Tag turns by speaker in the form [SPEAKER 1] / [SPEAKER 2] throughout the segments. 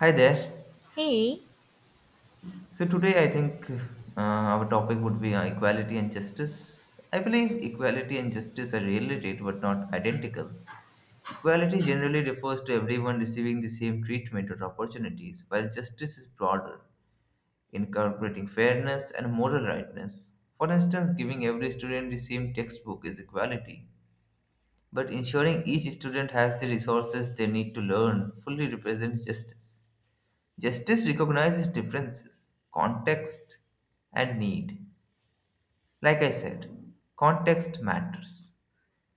[SPEAKER 1] Hi there.
[SPEAKER 2] Hey,
[SPEAKER 1] So today I think our topic would be equality and justice. I believe equality and justice are related but not identical. Equality generally refers to everyone receiving the same treatment or opportunities, while justice is broader, incorporating fairness and moral rightness. For instance, giving every student the same textbook is equality, but ensuring each student has the resources they need to learn fully represents justice. Justice recognizes differences, context, and need. Like I said, context matters.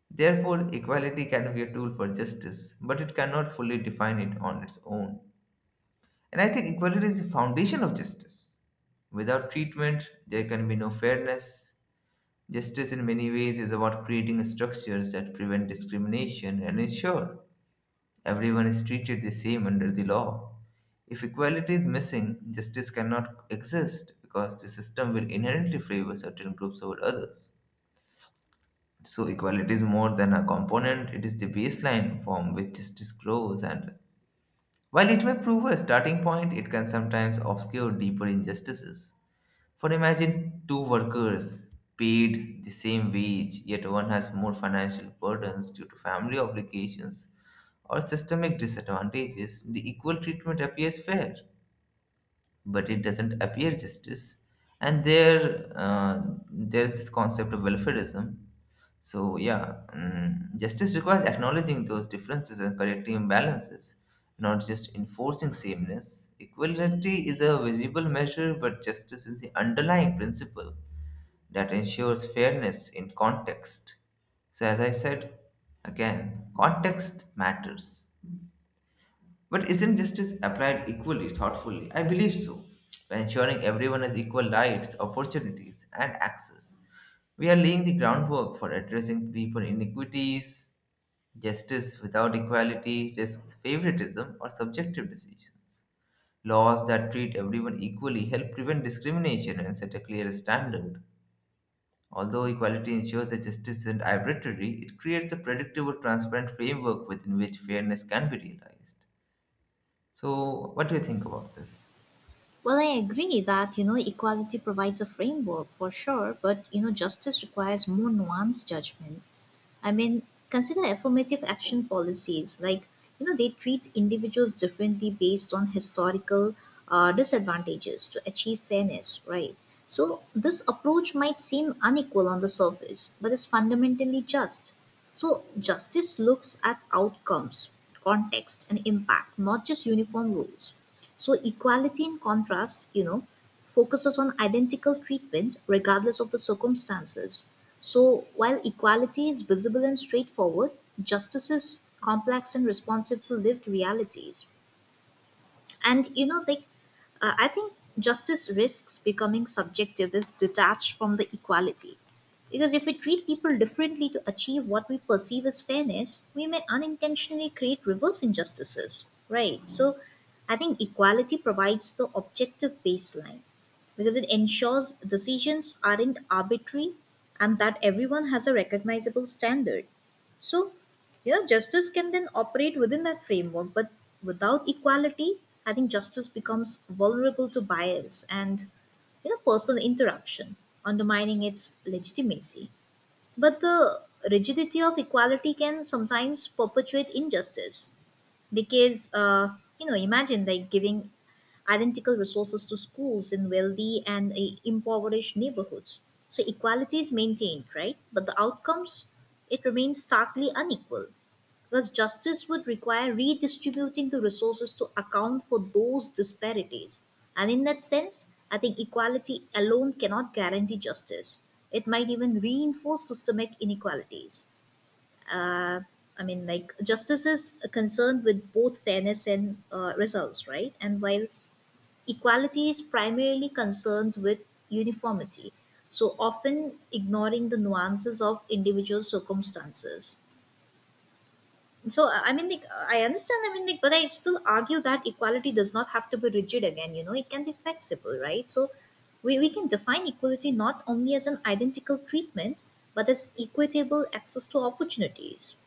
[SPEAKER 1] Therefore, equality can be a tool for justice, but it cannot fully define it on its own. And I think equality is the foundation of justice. Without treatment, there can be no fairness. Justice, in many ways, is about creating structures that prevent discrimination and ensure everyone is treated the same under the law. If equality is missing, justice cannot exist because the system will inherently favor certain groups over others. So, equality is more than a component, it is the baseline from which justice grows. And while it may prove a starting point, it can sometimes obscure deeper injustices. For imagine two workers paid the same wage, yet one has more financial burdens due to family obligations or systemic disadvantages, the equal treatment appears fair, but it doesn't appear justice. And there's this concept of welfareism. So yeah, justice requires acknowledging those differences and correcting imbalances, not just enforcing sameness. Equality is a visible measure, but justice is the underlying principle that ensures fairness in context. So as I said, again, context matters. But isn't justice applied equally thoughtfully? I believe so. By ensuring everyone has equal rights, opportunities, and access, we are laying the groundwork for addressing deeper inequities. Justice without equality risks favoritism or subjective decisions. Laws that treat everyone equally help prevent discrimination and set a clear standard. Although equality ensures that justice isn't arbitrary, it creates a predictable, transparent framework within which fairness can be realized. So, what do you think about this?
[SPEAKER 2] well, I agree that, equality provides a framework for sure, but, justice requires more nuanced judgment. I mean, Consider affirmative action policies. They treat individuals differently based on historical disadvantages to achieve fairness, right? So this approach might seem unequal on the surface, but is fundamentally just. So justice looks at outcomes, context, and impact, not just uniform rules. So equality in contrast, focuses on identical treatment regardless of the circumstances. So while equality is visible and straightforward, justice is complex and responsive to lived realities, and I think justice risks becoming subjective is detached from the equality. Because if we treat people differently to achieve what we perceive as fairness, we may unintentionally create reverse injustices, right? So I think equality provides the objective baseline because it ensures decisions aren't arbitrary and that everyone has a recognizable standard. So, yeah, justice can then operate within that framework, but without equality, I think justice becomes vulnerable to bias and personal interruption, undermining its legitimacy. But the rigidity of equality can sometimes perpetuate injustice because imagine like giving identical resources to schools in wealthy and impoverished neighborhoods, so equality is maintained, right, but the outcomes, it remains starkly unequal, because justice would require redistributing the resources to account for those disparities. And in that sense, I think equality alone cannot guarantee justice, it might even reinforce systemic inequalities. uh, justice is concerned with both fairness and results, right? And while equality is primarily concerned with uniformity, so often ignoring the nuances of individual circumstances. So I understand. But I still argue that equality does not have to be rigid. Again, it can be flexible, right? So we can define equality not only as an identical treatment, but as equitable access to opportunities.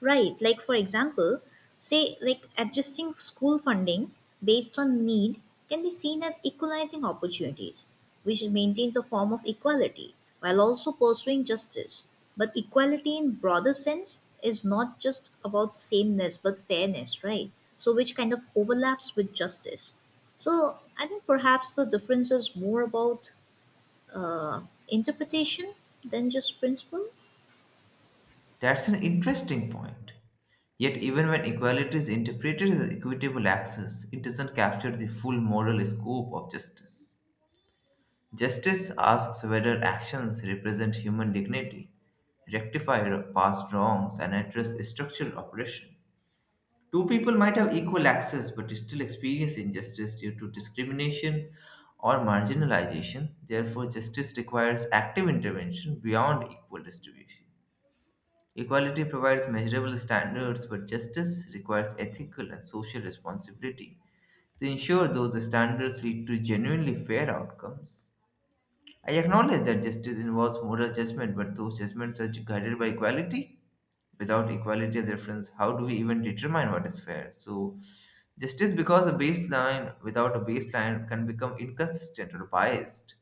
[SPEAKER 2] Right, like for example, say like adjusting school funding based on need can be seen as equalizing opportunities, which maintains a form of equality while also pursuing justice. But equality in broader sense is not just about sameness but fairness, right? So which kind of overlaps with justice. So I think perhaps the difference is more about uh, interpretation than just principle.
[SPEAKER 1] That's an interesting point. Yet, even when equality is interpreted as equitable access, it doesn't capture the full moral scope of justice. Justice asks whether actions represent human dignity, rectify past wrongs, and address structural oppression. Two people might have equal access but still experience injustice due to discrimination or marginalization. Therefore, justice requires active intervention beyond equal distribution. Equality provides measurable standards, but justice requires ethical and social responsibility to ensure those standards lead to genuinely fair outcomes. I acknowledge that justice involves moral judgment, but those judgments are guided by equality. Without equality as reference, how do we even determine what is fair? So, justice because a baseline without a baseline can become inconsistent or biased.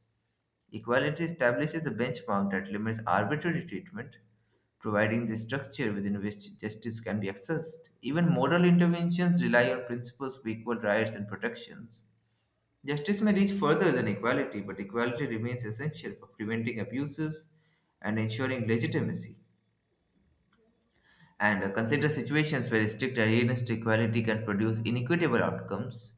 [SPEAKER 1] Equality establishes a benchmark that limits arbitrary treatment, providing the structure within which justice can be accessed. Even moral interventions rely on principles of equal rights and protections. Justice may reach further than equality, but equality remains essential for preventing abuses and ensuring legitimacy. And consider situations where strict adherence to equality can produce inequitable outcomes.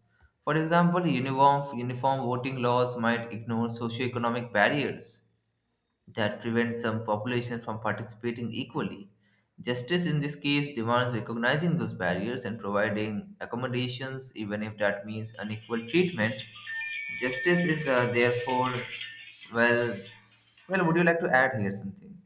[SPEAKER 1] For example, uniform voting laws might ignore socioeconomic barriers that prevents some populations from participating equally. Justice in this case demands recognizing those barriers and providing accommodations, even if that means unequal treatment. Justice is therefore, well, would you like to add here something?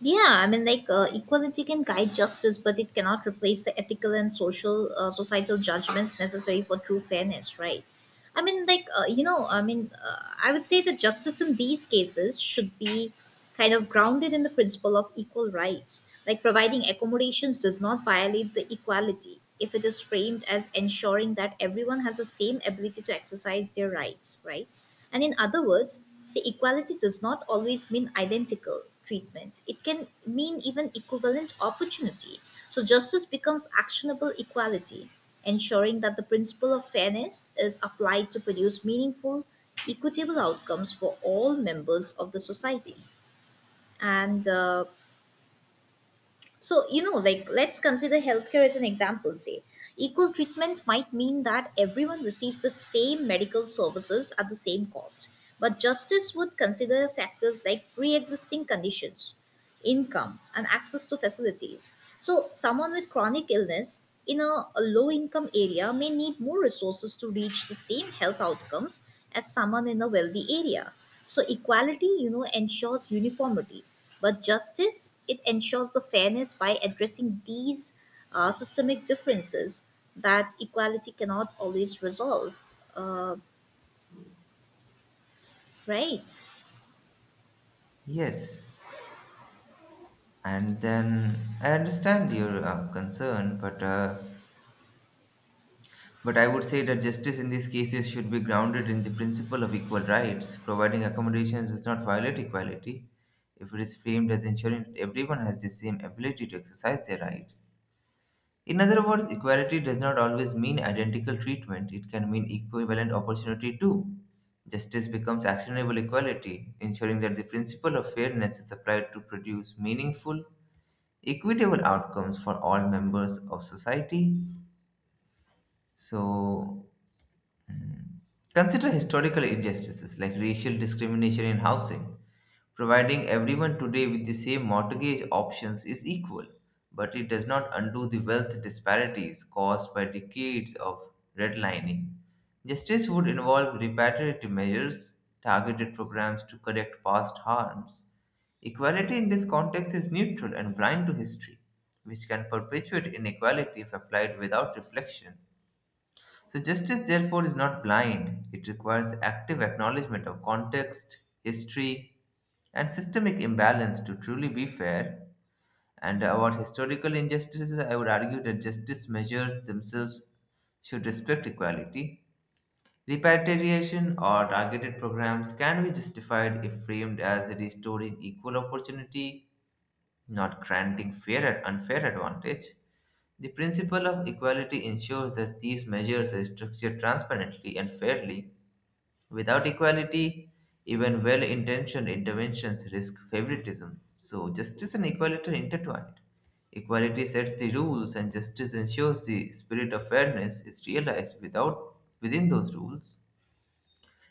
[SPEAKER 2] Yeah, equality can guide justice, but it cannot replace the ethical and social societal judgments necessary for true fairness, right? I mean, like you know, I mean, I would say that justice in these cases should be kind of grounded in the principle of equal rights. Like providing accommodations does not violate the equality if it is framed as ensuring that everyone has the same ability to exercise their rights, right? And in other words, see, equality does not always mean identical treatment. It can mean even equivalent opportunity. So justice becomes actionable equality, ensuring that the principle of fairness is applied to produce meaningful, equitable outcomes for all members of the society. And so, let's consider healthcare as an example, say. Equal treatment might mean that everyone receives the same medical services at the same cost, but justice would consider factors like pre existing conditions, income, and access to facilities. So someone with chronic illness in a low income area may need more resources to reach the same health outcomes as someone in a wealthy area. So equality, ensures uniformity, but justice, it ensures the fairness by addressing these systemic differences that equality cannot always resolve. Uh, right.
[SPEAKER 1] Yes, and then I understand your concern, but I would say that justice in these cases should be grounded in the principle of equal rights. Providing accommodations does not violate equality if it is framed as ensuring that everyone has the same ability to exercise their rights. In other words, equality does not always mean identical treatment, it can mean equivalent opportunity too. Justice becomes actionable equality, ensuring that the principle of fairness is applied to produce meaningful, equitable outcomes for all members of society. So, Mm. Consider historical injustices like racial discrimination in housing. Providing everyone today with the same mortgage options is equal, but it does not undo the wealth disparities caused by decades of redlining. Justice would involve reparative measures, targeted programs to correct past harms. Equality in this context is neutral and blind to history, which can perpetuate inequality if applied without reflection. So, justice, therefore, is not blind. It requires active acknowledgement of context, history, and systemic imbalance to truly be fair. And about historical injustices, I would argue that justice measures themselves should respect equality. Repatriation or targeted programs can be justified if framed as restoring equal opportunity, not granting fair and unfair advantage. The principle of equality ensures that these measures are structured transparently and fairly. Without equality, even well intentioned interventions risk favoritism. So, justice and equality are intertwined. Equality sets the rules, and justice ensures the spirit of fairness is realized without, within those rules.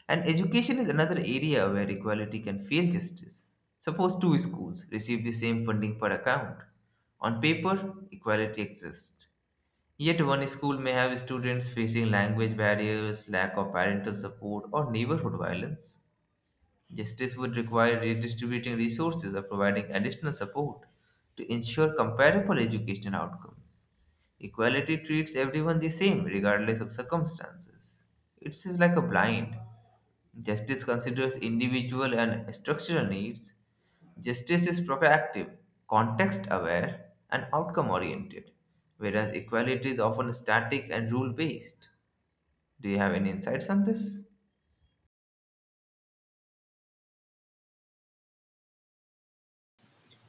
[SPEAKER 1] And education is another area where equality can fail justice. Suppose two schools receive the same funding per account. On paper, equality exists. Yet one school may have students facing language barriers, lack of parental support, or neighborhood violence. Justice would require redistributing resources or providing additional support to ensure comparable education outcomes. Equality treats everyone the same, regardless of circumstances. It's just like a blind. Justice considers individual and structural needs. Justice is proactive, context aware, and outcome oriented, whereas equality is often static and rule based. Do you have any insights on this?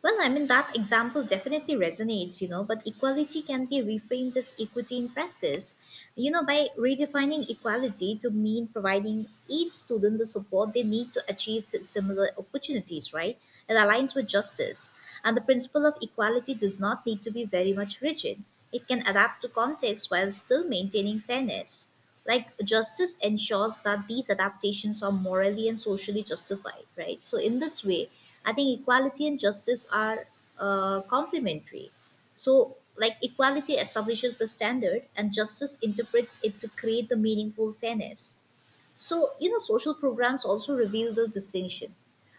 [SPEAKER 2] Well, I mean, that example definitely resonates, but equality can be reframed as equity in practice. By redefining equality to mean providing each student the support they need to achieve similar opportunities, right? It aligns with justice. And the principle of equality does not need to be very much rigid, it can adapt to context while still maintaining fairness, like justice ensures that these adaptations are morally and socially justified, right? So in this way I think equality and justice are complementary. So like equality establishes the standard and justice interprets it to create the meaningful fairness. So, social programs also reveal the distinction.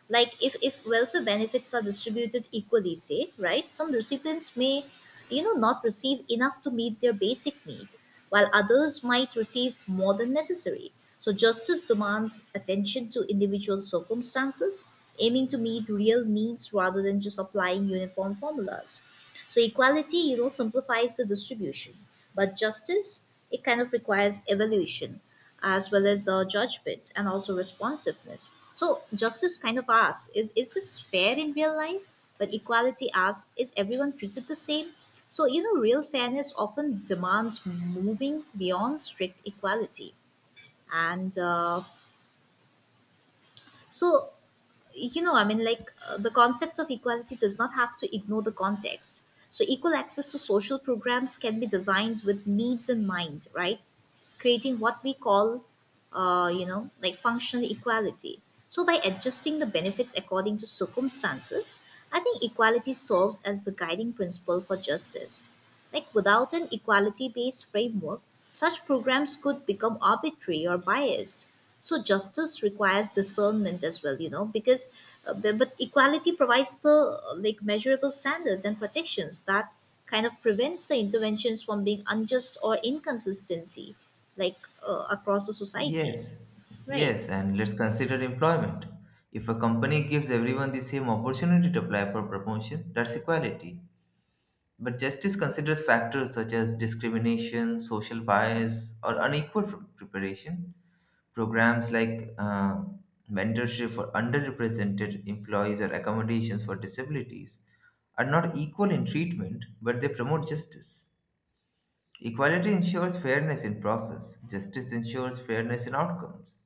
[SPEAKER 2] Like if welfare benefits are distributed equally, say, right, some recipients may, not receive enough to meet their basic need, while others might receive more than necessary. So justice demands attention to individual circumstances, aiming to meet real needs rather than just applying uniform formulas. So equality, simplifies the distribution, but justice, it kind of requires evaluation as well as judgment and also responsiveness. So justice kind of asks, is this fair in real life? But equality asks, is everyone treated the same? So, real fairness often demands moving beyond strict equality. And so the concept of equality does not have to ignore the context. So equal access to social programs can be designed with needs in mind, right, creating what we call, functional equality. So by adjusting the benefits according to circumstances, I think equality serves as the guiding principle for justice. Like without an equality based framework, such programs could become arbitrary or biased. So justice requires discernment as well, because but equality provides the like measurable standards and protections that kind of prevents the interventions from being unjust or inconsistency like across the society,
[SPEAKER 1] Yes,
[SPEAKER 2] right.
[SPEAKER 1] yes, and let's consider employment. If a company gives everyone the same opportunity to apply for promotion, that's equality. But justice considers factors such as discrimination, social bias, or unequal preparation. Programs like mentorship for underrepresented employees or accommodations for disabilities are not equal in treatment, but they promote justice. Equality ensures fairness in process, justice ensures fairness in outcomes.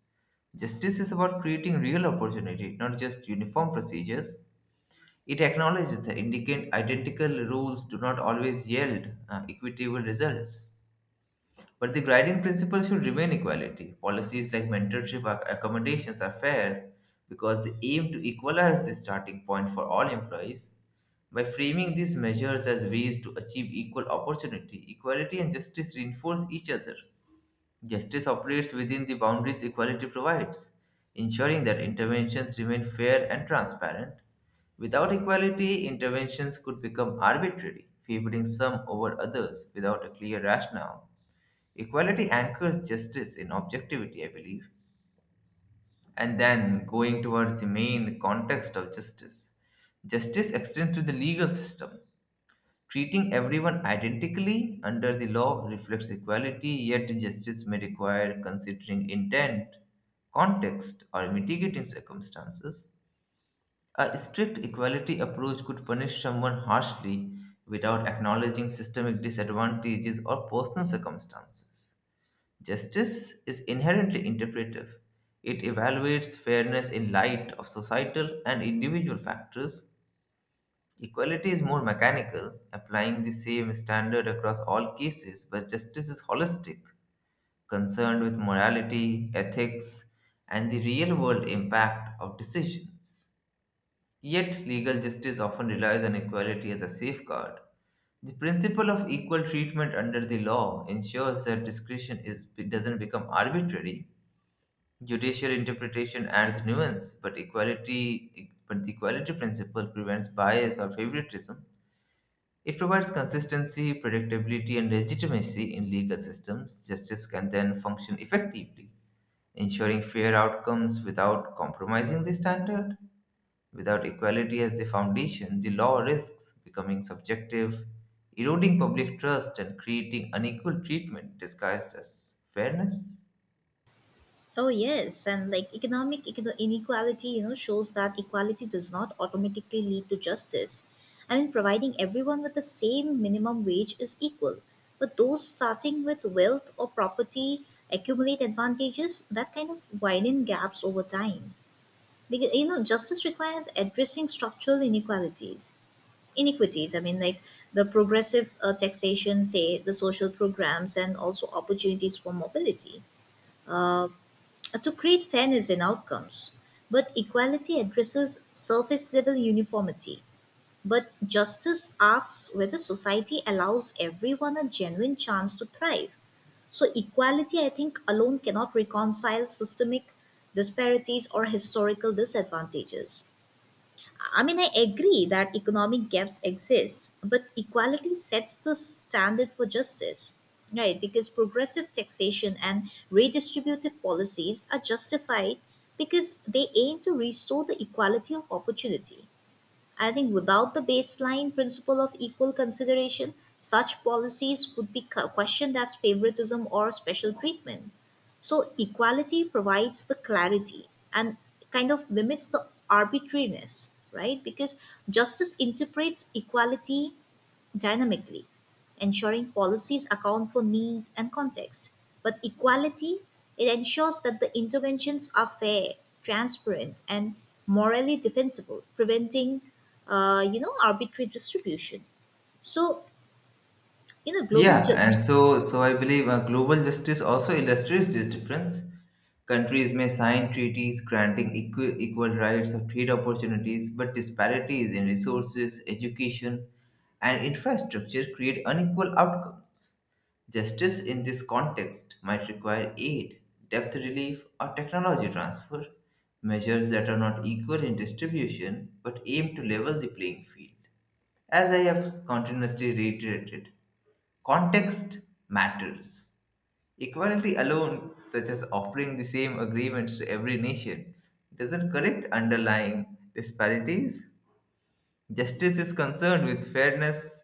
[SPEAKER 1] Justice is about creating real opportunity, not just uniform procedures. It acknowledges that identical rules do not always yield equitable results. But the guiding principle should remain equality. Policies like mentorship or accommodations are fair because they aim to equalize the starting point for all employees. By framing these measures as ways to achieve equal opportunity, equality and justice reinforce each other. Justice operates within the boundaries equality provides, ensuring that interventions remain fair and transparent. Without equality, interventions could become arbitrary, favoring some over others without a clear rationale. Equality anchors justice in objectivity, I believe. And then going towards the main context of justice. Justice extends to the legal system. Treating everyone identically under the law reflects equality, yet justice may require considering intent, context, or mitigating circumstances. A strict equality approach could punish someone harshly without acknowledging systemic disadvantages or personal circumstances. Justice is inherently interpretive. It evaluates fairness in light of societal and individual factors. Equality is more mechanical, applying the same standard across all cases, but justice is holistic, concerned with morality, ethics, and the real world impact of decisions. Yet, legal justice often relies on equality as a safeguard. The principle of equal treatment under the law ensures that discretion is, doesn't become arbitrary. Judicial interpretation adds nuance, but the equality principle prevents bias or favoritism. It provides consistency, predictability, and legitimacy in legal systems. Justice can then function effectively, ensuring fair outcomes without compromising the standard. Without equality as the foundation, the law risks becoming subjective, eroding public trust, and creating unequal treatment disguised as fairness.
[SPEAKER 2] Oh yes, and like economic inequality, shows that equality does not automatically lead to justice. I mean providing everyone with the same minimum wage is equal, but those starting with wealth or property accumulate advantages that kind of widen gaps over time, because justice requires addressing structural inequalities inequities. I mean, like the progressive taxation, say the social programs, and also opportunities for mobility uh, to create fairness in outcomes. But equality addresses surface level uniformity. But justice asks whether society allows everyone a genuine chance to thrive. So equality, I think, alone cannot reconcile systemic disparities or historical disadvantages. I mean, I agree that economic gaps exist, but equality sets the standard for justice, right? Because progressive taxation and redistributive policies are justified because they aim to restore the equality of opportunity. I think without the baseline principle of equal consideration, such policies would be questioned as favoritism or special treatment. So equality provides the clarity and kind of limits the arbitrariness, right? Because justice interprets equality dynamically, ensuring policies account for needs and context. But equality, it ensures that the interventions are fair, transparent, and morally defensible, preventing, arbitrary distribution. So, in a global
[SPEAKER 1] Yeah, and so I believe global justice also illustrates this difference. Countries may sign treaties granting equal rights or trade opportunities, but disparities in resources, education, and infrastructure create unequal outcomes. Justice in this context might require aid, debt relief, or technology transfer, measures that are not equal in distribution but aim to level the playing field. As I have continuously reiterated, context matters. Equality alone, such as offering the same agreements to every nation, doesn't correct underlying disparities. Justice is concerned with fairness,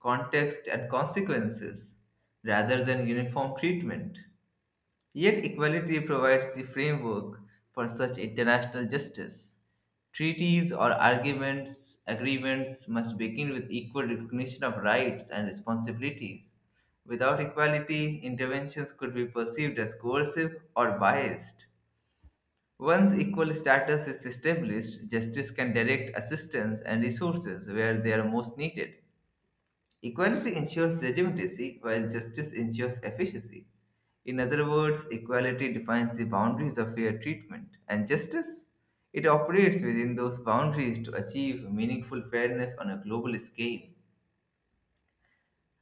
[SPEAKER 1] context, and consequences rather than uniform treatment. Yet, equality provides the framework for such international justice. Treaties or arguments, agreements must begin with equal recognition of rights and responsibilities. Without equality, interventions could be perceived as coercive or biased. Once equal status is established, justice can direct assistance and resources where they are most needed. Equality ensures legitimacy, while justice ensures efficiency. In other words, equality defines the boundaries of fair treatment, and justice, it operates within those boundaries to achieve meaningful fairness on a global scale.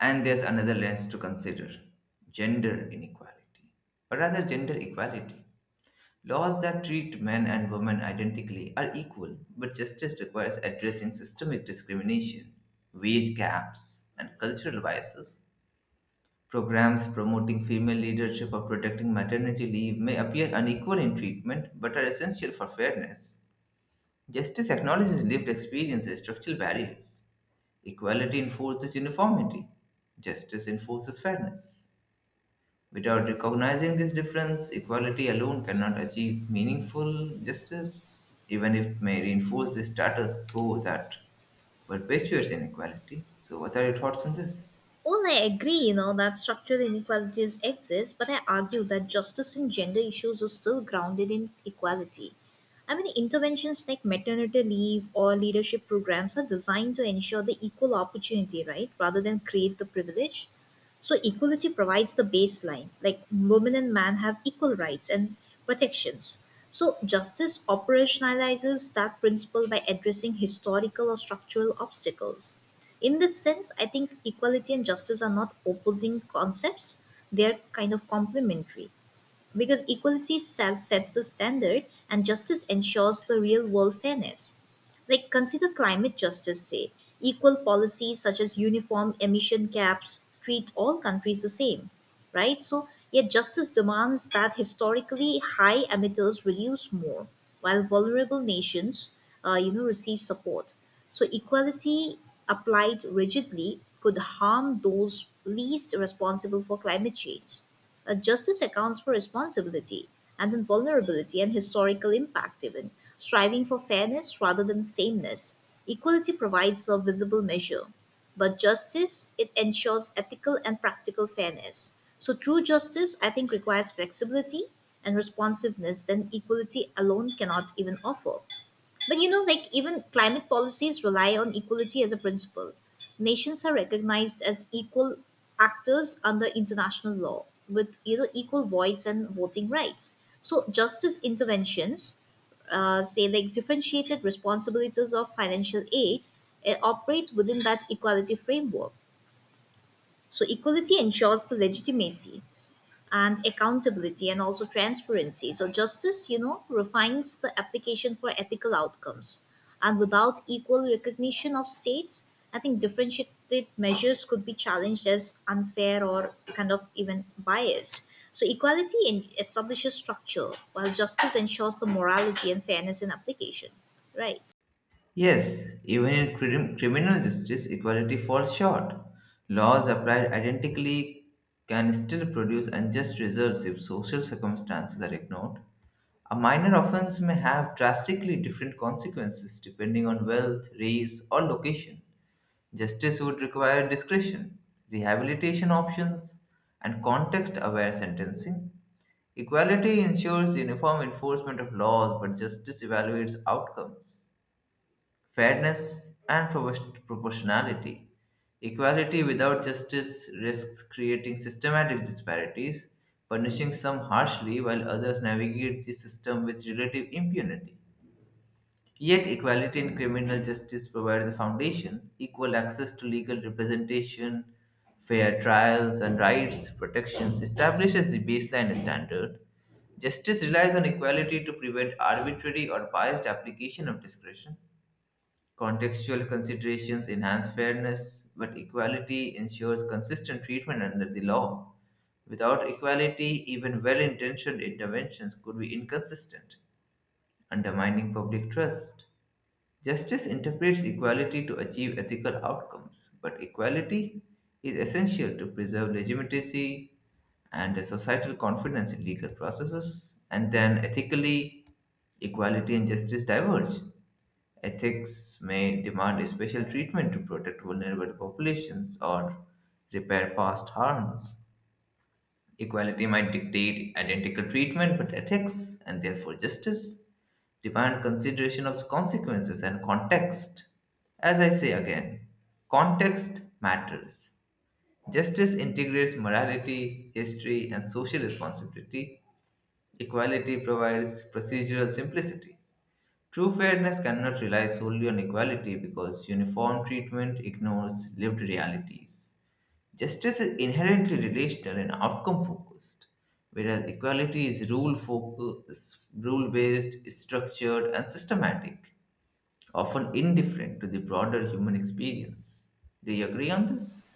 [SPEAKER 1] And there's another lens to consider gender inequality, or rather, gender equality. Laws that treat men and women identically are equal, but justice requires addressing systemic discrimination, wage gaps, and cultural biases. Programs promoting female leadership or protecting maternity leave may appear unequal in treatment but are essential for fairness. Justice acknowledges lived experiences, structural barriers. Equality enforces uniformity. Justice enforces fairness. Without recognizing this difference, equality alone cannot achieve meaningful justice, even if it may reinforce the status quo that perpetuates inequality. So, what are your thoughts on this?
[SPEAKER 2] Well, I agree, that structural inequalities exist, but I argue that justice and gender issues are still grounded in equality. I mean, interventions like maternity leave or leadership programs are designed to ensure the equal opportunity, right, rather than create the privilege. So equality provides the baseline, like women and men have equal rights and protections. So justice operationalizes that principle by addressing historical or structural obstacles. In this sense I think equality and justice are not opposing concepts, they are kind of complementary, because equality sets the standard and justice ensures the real world fairness. Like, consider climate justice, say. Equal policies such as uniform emission caps treat all countries the same, right? So yet justice demands that historically high emitters reduce more, while vulnerable nations, receive support. So equality applied rigidly could harm those least responsible for climate change. Justice accounts for responsibility and then vulnerability and historical impact, even striving for fairness rather than sameness. Equality provides a visible measure, but justice it ensures ethical and practical fairness. So true justice, I think, requires flexibility and responsiveness than equality alone cannot even offer. But even climate policies rely on equality as a principle. Nations are recognized as equal actors under international law with equal voice and voting rights. So justice interventions, say like differentiated responsibilities of financial aid, operate within that equality framework. So equality ensures the legitimacy and accountability and also transparency. So justice, refines the application for ethical outcomes. And without equal recognition of states, I think differentiated measures could be challenged as unfair or kind of even biased. So equality establishes structure, while justice ensures the morality and fairness in application. Right.
[SPEAKER 1] Yes, even in criminal justice, equality falls short. Laws applied identically can still produce unjust results if social circumstances are ignored. A minor offense may have drastically different consequences depending on wealth, race, or location. Justice would require discretion, rehabilitation options, and context aware sentencing. Equality ensures uniform enforcement of laws, but justice evaluates outcomes fairness and proportionality. Equality without justice risks creating systematic disparities, punishing some harshly while others navigate the system with relative impunity. Yet, equality in criminal justice provides a foundation, equal access to legal representation, fair trials and rights protections establishes the baseline standard. Justice relies on equality to prevent arbitrary or biased application of discretion. Contextual considerations enhance fairness, but equality ensures consistent treatment under the law. Without equality, even well intentioned interventions could be inconsistent, undermining public trust. Justice interprets equality to achieve ethical outcomes, but equality is essential to preserve legitimacy and a societal confidence in legal processes. And then ethically, equality and justice diverge. Ethics may demand special treatment to protect vulnerable populations or repair past harms. Equality might dictate identical treatment, but ethics, and therefore justice, demand consideration of consequences and context. As I say again, context matters. Justice integrates morality, history, and social responsibility. Equality provides procedural simplicity. True fairness cannot rely solely on equality because uniform treatment ignores lived realities. Justice is inherently relational and outcome focused, whereas equality is rule focused, rule based, structured, and systematic, often indifferent to the broader human experience. Do you agree on this?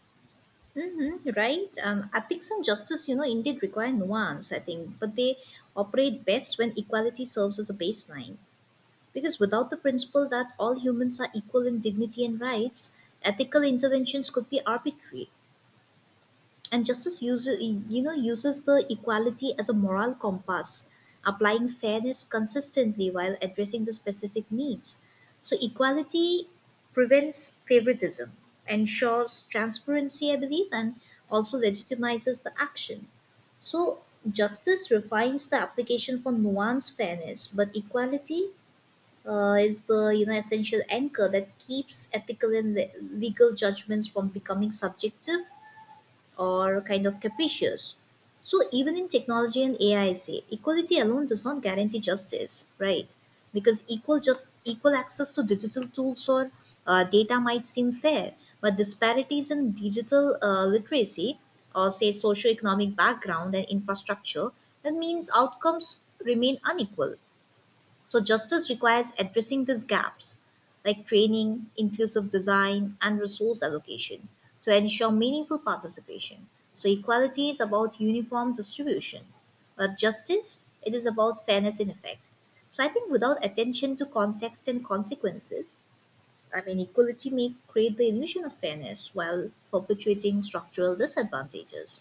[SPEAKER 2] Mm-hmm, right. Ethics and justice, indeed require nuance, I think, but they operate best when equality serves as a baseline. Because without the principle that all humans are equal in dignity and rights, ethical interventions could be arbitrary. And justice uses the equality as a moral compass, applying fairness consistently while addressing the specific needs. So equality prevents favoritism, ensures transparency, I believe, and also legitimizes the action. So justice refines the application for nuanced fairness, but equality is the essential anchor that keeps ethical and legal judgments from becoming subjective or kind of capricious. So even in technology and AI, say equality alone does not guarantee justice, right? Because equal access to digital tools or data might seem fair, but disparities in digital literacy or say socioeconomic background and infrastructure, that means outcomes remain unequal. So justice requires addressing these gaps, like training, inclusive design, and resource allocation, to ensure meaningful participation. So equality is about uniform distribution, but justice it is about fairness in effect. So I think without attention to context and consequences, I mean equality may create the illusion of fairness while perpetuating structural disadvantages.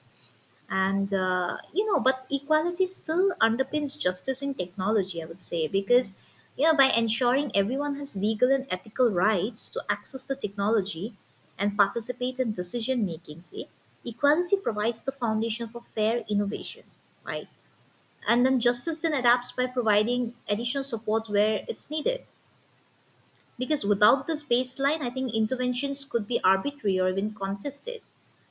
[SPEAKER 2] And but equality still underpins justice in technology I would say, because by ensuring everyone has legal and ethical rights to access the technology and participate in decision making, see, equality provides the foundation for fair innovation, right. And then justice then adapts by providing additional support where it's needed, because without this baseline, I think interventions could be arbitrary or even contested.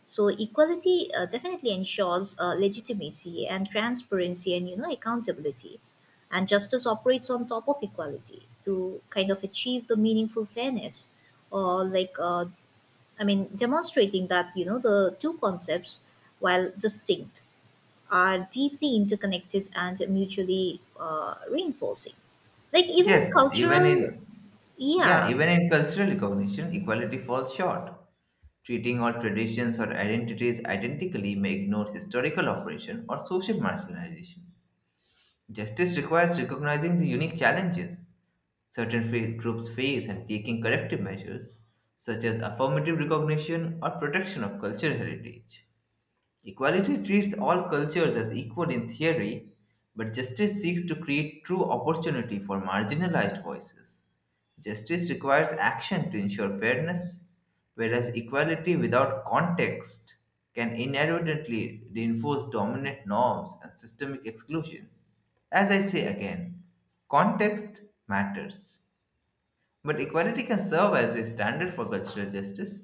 [SPEAKER 2] So equality definitely ensures legitimacy and transparency and accountability. And justice operates on top of equality to kind of achieve the meaningful fairness, or like I mean, demonstrating that the two concepts, while distinct, are deeply interconnected and mutually reinforcing, like even in
[SPEAKER 1] Yes, even
[SPEAKER 2] cultural,
[SPEAKER 1] in yeah,
[SPEAKER 2] yeah.
[SPEAKER 1] even in cultural recognition, equality falls short. Treating all traditions or identities identically may ignore historical oppression or social marginalization. Justice requires recognizing the unique challenges groups face and taking corrective measures, such as affirmative recognition or protection of cultural heritage. Equality treats all cultures as equal in theory, but justice seeks to create true opportunity for marginalized voices. Justice requires action to ensure fairness, whereas equality without context can inadvertently reinforce dominant norms and systemic exclusion. As I say again, context matters, but equality can serve as a standard for cultural justice.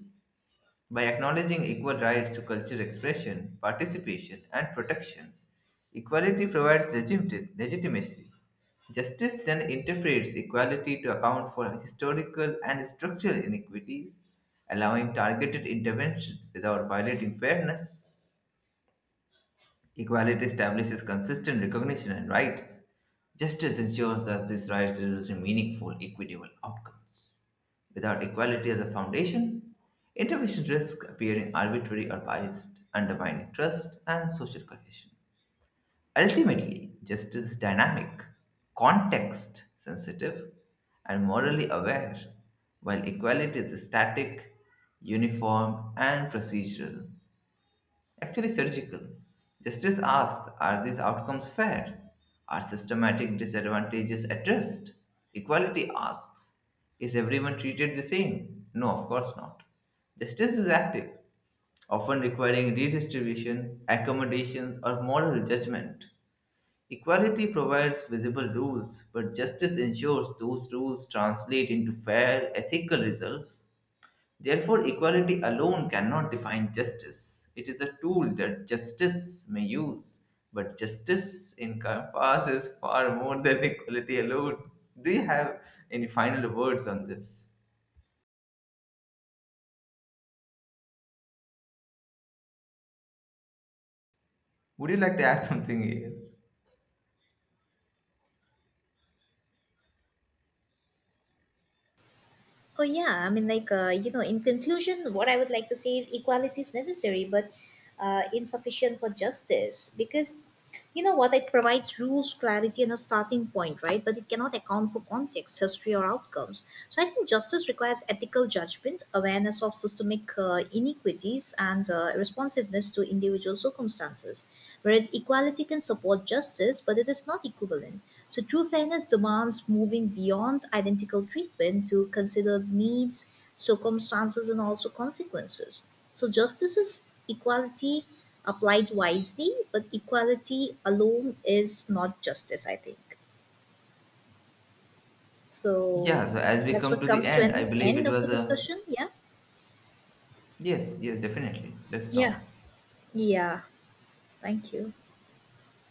[SPEAKER 1] By acknowledging equal rights to cultural expression, participation, and protection, equality provides legitimacy. Justice then interprets equality to account for historical and structural inequities, allowing targeted interventions without violating fairness. Equality establishes consistent recognition and rights. Justice ensures that these rights result in meaningful, equitable outcomes. Without equality as a foundation, intervention risks appearing arbitrary or biased, undermining trust and social cohesion. Ultimately, justice is dynamic, context sensitive, and morally aware, while equality is static, uniform, and procedural. Actually, surgical. Justice asks: are these outcomes fair? Are systematic disadvantages addressed? Equality asks: is everyone treated the same? No, of course not. Justice is active, often requiring redistribution, accommodations, or moral judgment. Equality provides visible rules, but justice ensures those rules translate into fair, ethical results. Therefore, equality alone cannot define justice. It is a tool that justice may use, but justice encompasses far more than equality alone. Do you have any final words on this? Would you like to add something here?
[SPEAKER 2] Oh yeah, in conclusion, what I would like to say is equality is necessary, but insufficient for justice because what it provides rules, clarity, and a starting point, right? But it cannot account for context, history, or outcomes. So I think justice requires ethical judgment, awareness of systemic inequities, and responsiveness to individual circumstances. Whereas equality can support justice, but it is not equivalent. So true fairness demands moving beyond identical treatment to consider needs, circumstances, and also consequences. So justice is equality applied wisely, but equality alone is not justice, I think. So
[SPEAKER 1] Yeah, so as we
[SPEAKER 2] that's
[SPEAKER 1] come
[SPEAKER 2] what
[SPEAKER 1] to the
[SPEAKER 2] comes to
[SPEAKER 1] end, I
[SPEAKER 2] an
[SPEAKER 1] believe
[SPEAKER 2] end
[SPEAKER 1] it
[SPEAKER 2] of the
[SPEAKER 1] was a.
[SPEAKER 2] discussion. Yeah.
[SPEAKER 1] Yes, yes, definitely. Let's
[SPEAKER 2] Yeah.
[SPEAKER 1] talk.
[SPEAKER 2] Yeah. Thank you.